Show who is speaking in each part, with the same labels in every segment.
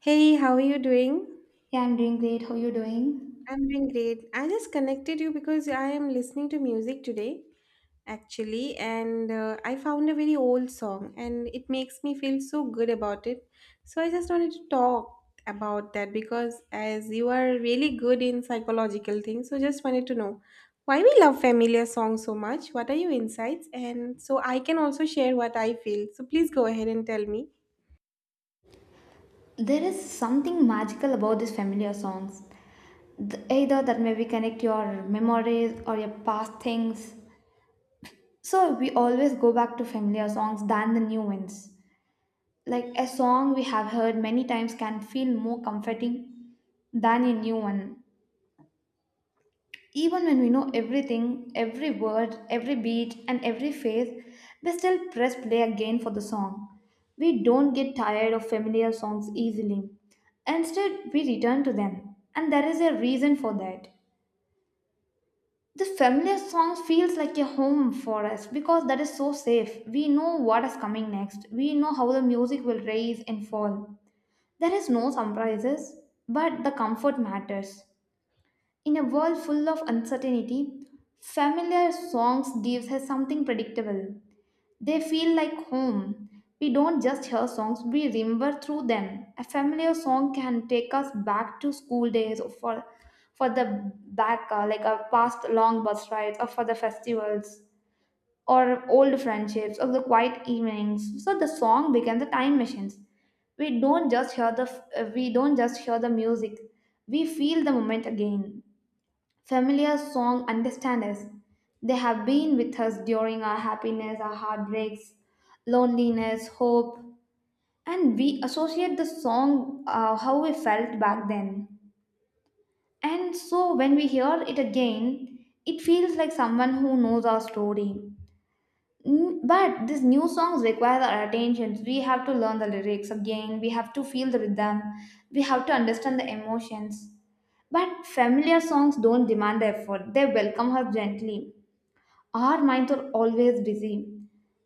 Speaker 1: Hey, how are you doing?
Speaker 2: Yeah, I'm doing great. How you doing?
Speaker 1: I'm doing great. I just connected you because I am listening to music today, actually, and I found a very old song and it makes me feel so good about it. So I just wanted to talk about that because as you are really good in psychological things, so just wanted to know why we love familiar songs so much. What are your insights? And so I can also share what I feel. So please go ahead and tell me.
Speaker 2: There is something magical about these familiar songs. Either that maybe connect your memories or your past things. So we always go back to familiar songs than the new ones. Like a song we have heard many times can feel more comforting than a new one. Even when we know everything, every word, every beat, and every phase, we still press play again for the song. We don't get tired of familiar songs easily. Instead, we return to them, and there is a reason for that. The familiar song feels like a home for us because that is so safe. We know what is coming next. We know how the music will rise and fall. There is no surprises, but the comfort matters. In a world full of uncertainty, familiar songs gives us something predictable. They feel like home. We don't just hear songs, we remember through them. A familiar song can take us back to school days or for the back like a past long bus rides or for the festivals or old friendships or the quiet evenings. So the song becomes a time machine. We don't just hear the music. We feel the moment again. Familiar song understand us. They have been with us during our happiness, our heartbreaks, loneliness, hope, and we associate the song how we felt back then. And so when we hear it again, it feels like someone who knows our story. But these new songs require our attention. We have to learn the lyrics again. We have to feel the rhythm. We have to understand the emotions. But familiar songs don't demand the effort, they welcome us gently. Our minds are always busy,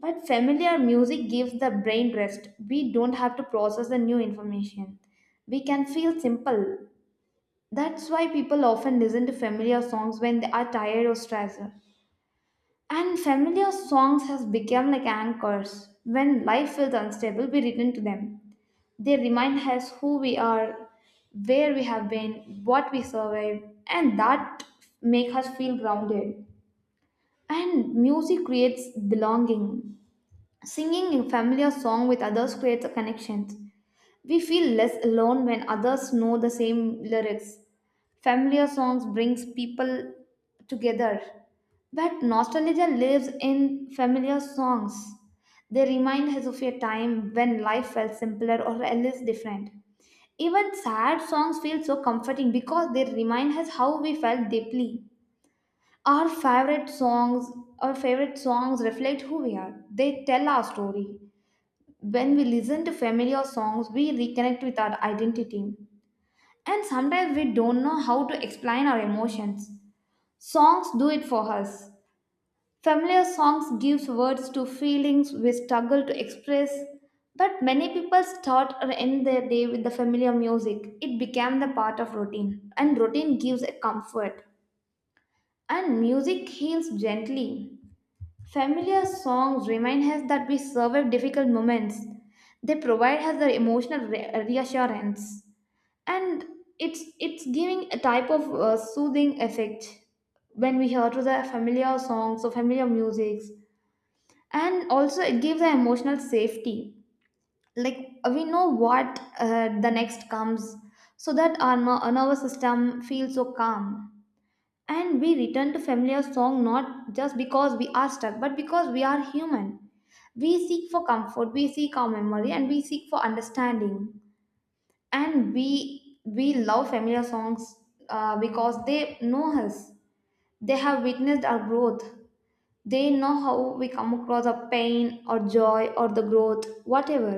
Speaker 2: but familiar music gives the brain rest. We don't have to process the new information. We can feel simple. That's why people often listen to familiar songs when they are tired or stressed. And familiar songs has become like anchors. When life feels unstable, we return to them. They remind us who we are, where we have been, what we survived, and that make us feel grounded. And music creates belonging. Singing a familiar song with others creates a connection. We feel less alone when others know the same lyrics. Familiar songs brings people together. But nostalgia lives in familiar songs. They remind us of a time when life felt simpler or less different. Even sad songs feel so comforting because they remind us how we felt deeply. Our favorite songs, our favorite songs reflect who we are. They tell our story. When we listen to familiar songs, we reconnect with our identity. And sometimes we don't know how to explain our emotions. Songs do it for us. Familiar songs gives words to feelings we struggle to express. But many people start or end their day with the familiar music. It became the part of routine. And routine gives a comfort. And music heals gently. Familiar songs remind us that we survive difficult moments. They provide us the emotional reassurance, and it's giving a type of soothing effect when we hear to the familiar songs or familiar musics, and also it gives an emotional safety. Like we know what the next comes, so that our nervous system feels so calm, and we return to familiar song not just because we are stuck, but because we are human. We seek for comfort, we seek our memory, and we seek for understanding, and we love familiar songs because they know us. They have witnessed our growth. They know how we come across a pain or joy or the growth whatever.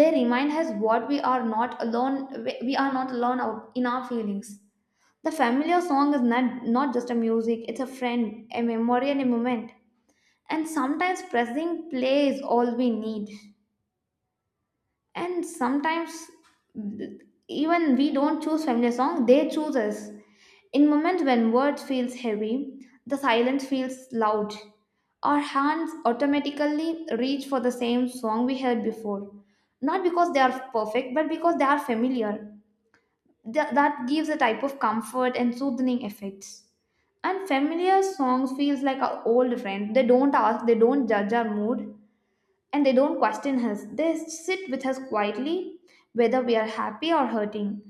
Speaker 2: They remind us what we are not alone. We are not alone out in our feelings. The familiar song is not just a music, it's a friend, a memory, and a moment. And sometimes pressing play is all we need. And sometimes th- even we don't choose feminist song, they choose us. In moments when words feels heavy, the silence feels loud, our hands automatically reach for the same song we heard before, not because they are perfect but because they are familiar. That gives a type of comfort and soothing effects. And familiar songs feels like our old friend. They don't ask, they don't judge our mood, and they don't question us. They sit with us quietly, whether we are happy or hurting.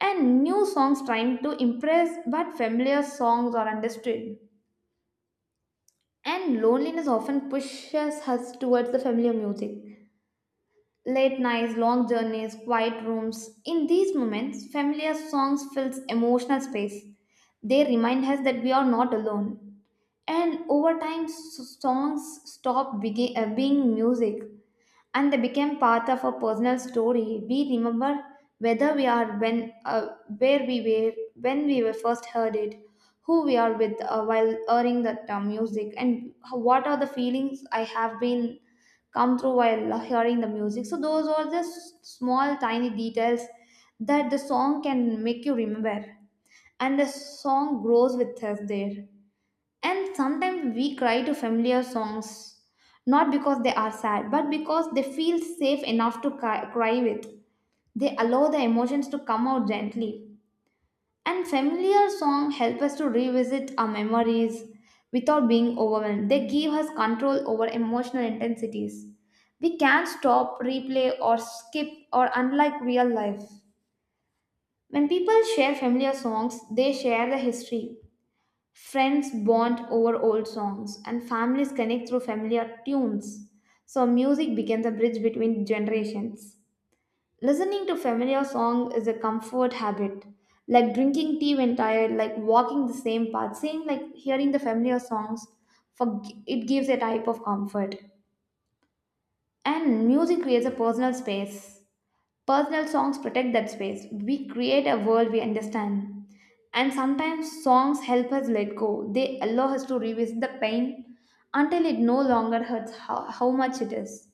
Speaker 2: And new songs trying to impress, but familiar songs are understood. And loneliness often pushes us towards the familiar music. Late nights, long journeys, quiet rooms. In these moments, familiar songs fills emotional space. They remind us that we are not alone. And over time, songs stop being music, and they became part of a personal story. We remember whether we are when where we were when we were first heard it, who we are with while hearing that music, and what are the feelings I have been come through while hearing the music. So those are the small tiny details that the song can make you remember, and the song grows with us there. And sometimes we cry to familiar songs, not because they are sad, but because they feel safe enough to cry with. They allow the emotions to come out gently. And familiar songs help us to revisit our memories without being overwhelmed. They give us control over emotional intensities. We can't stop, replay, or skip, or unlike real life. When people share familiar songs, they share the history. Friends bond over old songs, and families connect through familiar tunes. So, music becomes a bridge between generations. Listening to familiar song is a comfort habit, like drinking tea when tired, like walking the same path, same like hearing the familiar songs. For it gives a type of comfort, and music creates a personal space. Personal songs protect that space. We create a world we understand. And sometimes songs help us let go. They allow us to revisit the pain until it no longer hurts how much it is.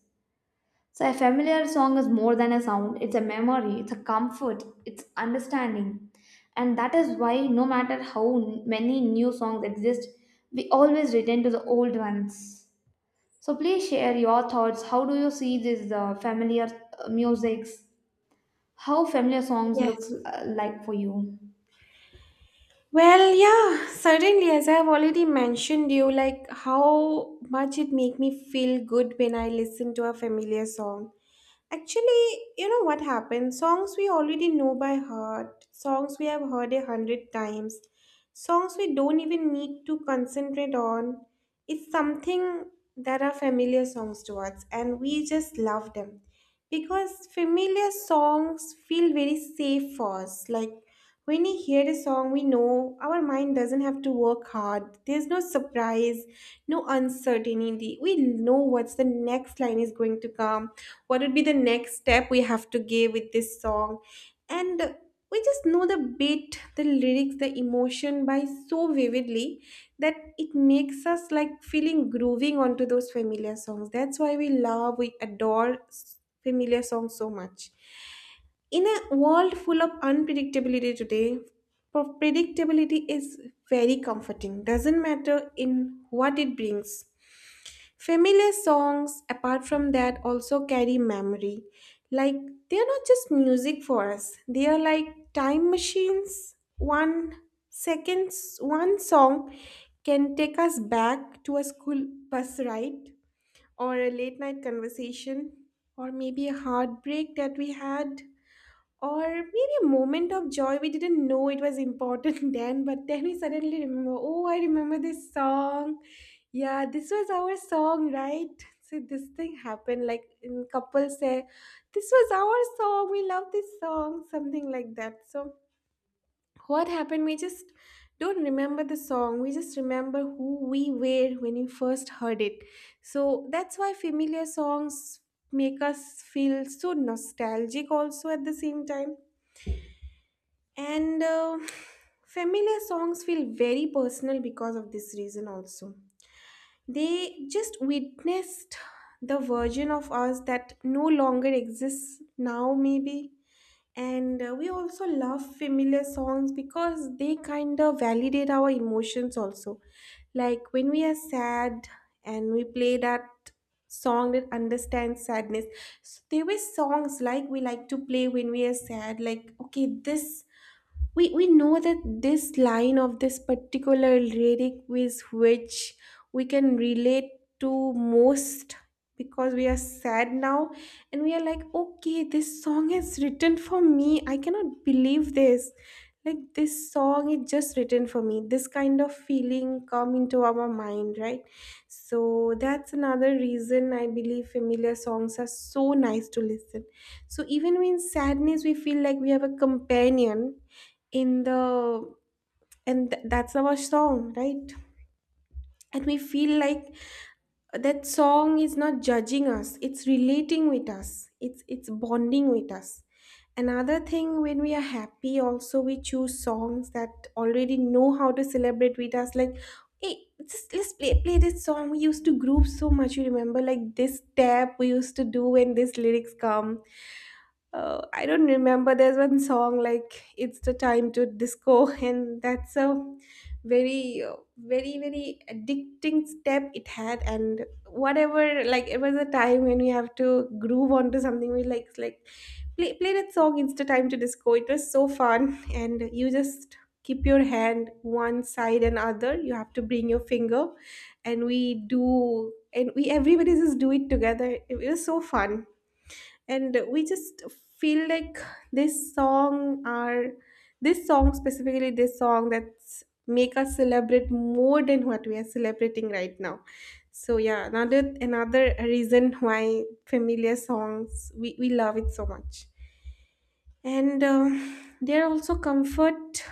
Speaker 2: So, a familiar song is more than a sound, it's a memory, it's a comfort, it's understanding. And that is why, no matter how many new songs exist, we always return to the old ones. So, please share your thoughts. How do you see this familiar musics? How familiar songs
Speaker 1: Yeah.
Speaker 2: looks like for you?
Speaker 1: Well, yeah, certainly, as I've already mentioned you, like how much it make me feel good when I listen to a familiar song. Actually, you know what happens? Songs we already know by heart, songs we have heard a hundred times, songs we don't even need to concentrate on. It's something that are familiar songs to us, and we just love them because familiar songs feel very safe for us. Like when we hear a song, we know our mind doesn't have to work hard. There's no surprise, no uncertainty. We know what's the next line is going to come, what would be the next step we have to give with this song, and we just know the beat, the lyrics, the emotion by so vividly that it makes us like feeling grooving onto those familiar songs. That's why we love, we adore familiar songs so much. In a world full of unpredictability today, predictability is very comforting, doesn't matter in what it brings. Familiar songs, apart from that, also carry memory. Like, they are not just music for us, they are like time machines. 1 seconds, one song can take us back to a school bus ride, or a late night conversation, or maybe a heartbreak that we had. Or maybe a moment of joy we didn't know it was important then, but then we suddenly remember, oh, I remember this song. Yeah, this was our song, right? So this thing happened, like in couples say, this was our song, we love this song, something like that. So what happened? We just don't remember the song. We just remember who we were when we first heard it. So that's why familiar songs make us feel so nostalgic also at the same time. And familiar songs feel very personal because of this reason, also. They just witnessed the version of us that no longer exists now, maybe. And we also love familiar songs because they kind of validate our emotions, also. Like when we are sad and we play that song that understands sadness. So there were songs like we like to play when we are sad, like, okay, this, we know that this line of this particular lyric with which we can relate to most, because we are sad now, and we are like, okay, this song is written for me, I cannot believe this. Like, this song is just written for me. This kind of feeling come into our mind, right? So that's another reason I believe familiar songs are so nice to listen. So even when sadness we feel like we have a companion in the, and that's our song, right? And we feel like that song is not judging us, it's relating with us, it's bonding with us. Another thing, when we are happy also, we choose songs that already know how to celebrate with us, like, hey, just let's play this song we used to groove so much, you remember, like this tap we used to do when these lyrics come. I don't remember. There's one song like "It's the Time to Disco," and that's a very, very, very addicting step it had. And whatever, like it was a time when we have to groove onto something. We like play that song. It's the time to disco. It was so fun, and you just keep your hand one side and other. You have to bring your finger, and we do, and we everybody just do it together. It was so fun, and we just feel like this song are, this song specifically, this song that's make us celebrate more than what we are celebrating right now. So yeah, another reason why familiar songs we love it so much. And there are also comfort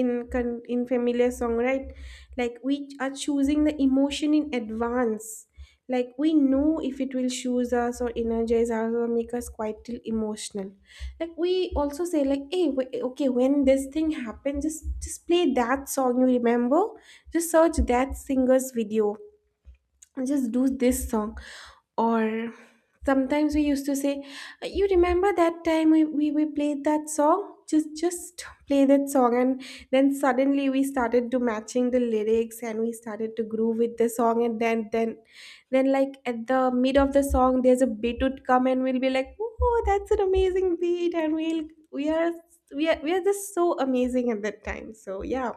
Speaker 1: in in familiar song, right? Like we are choosing the emotion in advance, like we know if it will choose us or energize us or make us quite till emotional. Like we also say, like, hey, okay, when this thing happens, just play that song, you remember, just search that singer's video, just do this song. Or sometimes we used to say, you remember that time we played that song, just play that song. And then suddenly we started to matching the lyrics, and we started to groove with the song, and then like at the mid of the song there's a beat would come, and we'll be like, oh, that's an amazing beat, and we'll we are we are, we are just so amazing at that time. So yeah,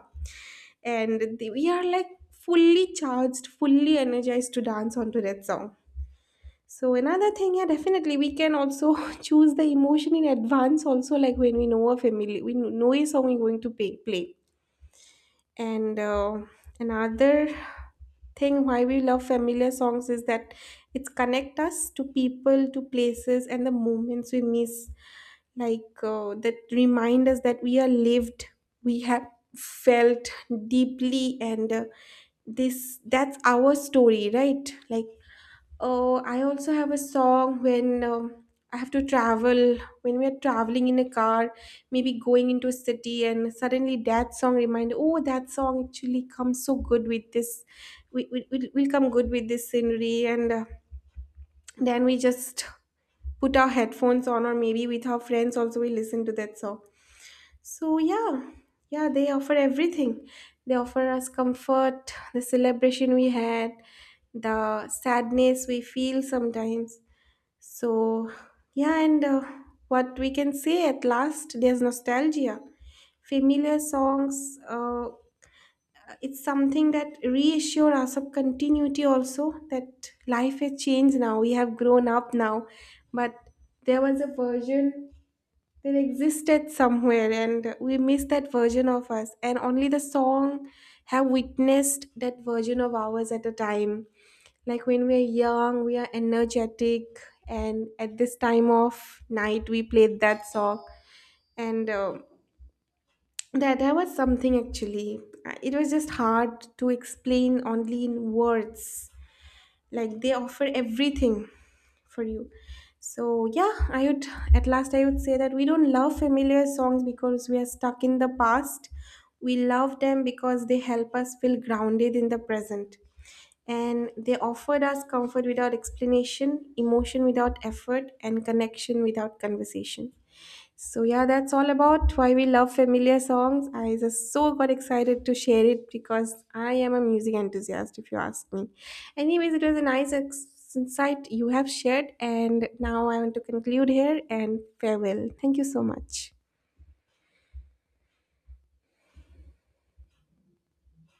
Speaker 1: and the, we are like fully charged, fully energized to dance onto that song. So another thing, yeah, definitely we can also choose the emotion in advance also, like when we know a family, we know a song we're going to play. And another thing why we love familiar songs is that it's connect us to people, to places, and the moments we miss. Like that remind us that we are lived, we have felt deeply, and this that's our story, right? Like, oh, I also have a song when I have to travel, when we're traveling in a car, maybe going into a city, and suddenly that song remind, oh, that song actually comes so good with this, will come good with this scenery. And then we just put our headphones on, or maybe with our friends also, we listen to that song. So, yeah, yeah, they offer everything. They offer us comfort, the celebration we had, the sadness we feel sometimes. So, yeah, and what we can say at last, there's nostalgia. Familiar songs, it's something that reassure us of continuity also, that life has changed now. We have grown up now. But there was a version, they existed somewhere, and we miss that version of us, and only the song have witnessed that version of ours at a time, like when we are young, we are energetic, and at this time of night we played that song. And that was something actually. It was just hard to explain only in words, like they offer everything for you. So yeah, I would at last I would say that we don't love familiar songs because we are stuck in the past, we love them because they help us feel grounded in the present, and they offered us comfort without explanation, emotion without effort, and connection without conversation. So yeah, that's all about why we love familiar songs. I just so got excited to share it because I am a music enthusiast, if you ask me. Anyways, it was a nice insight you have shared, and now I want to conclude here and farewell. Thank you so much.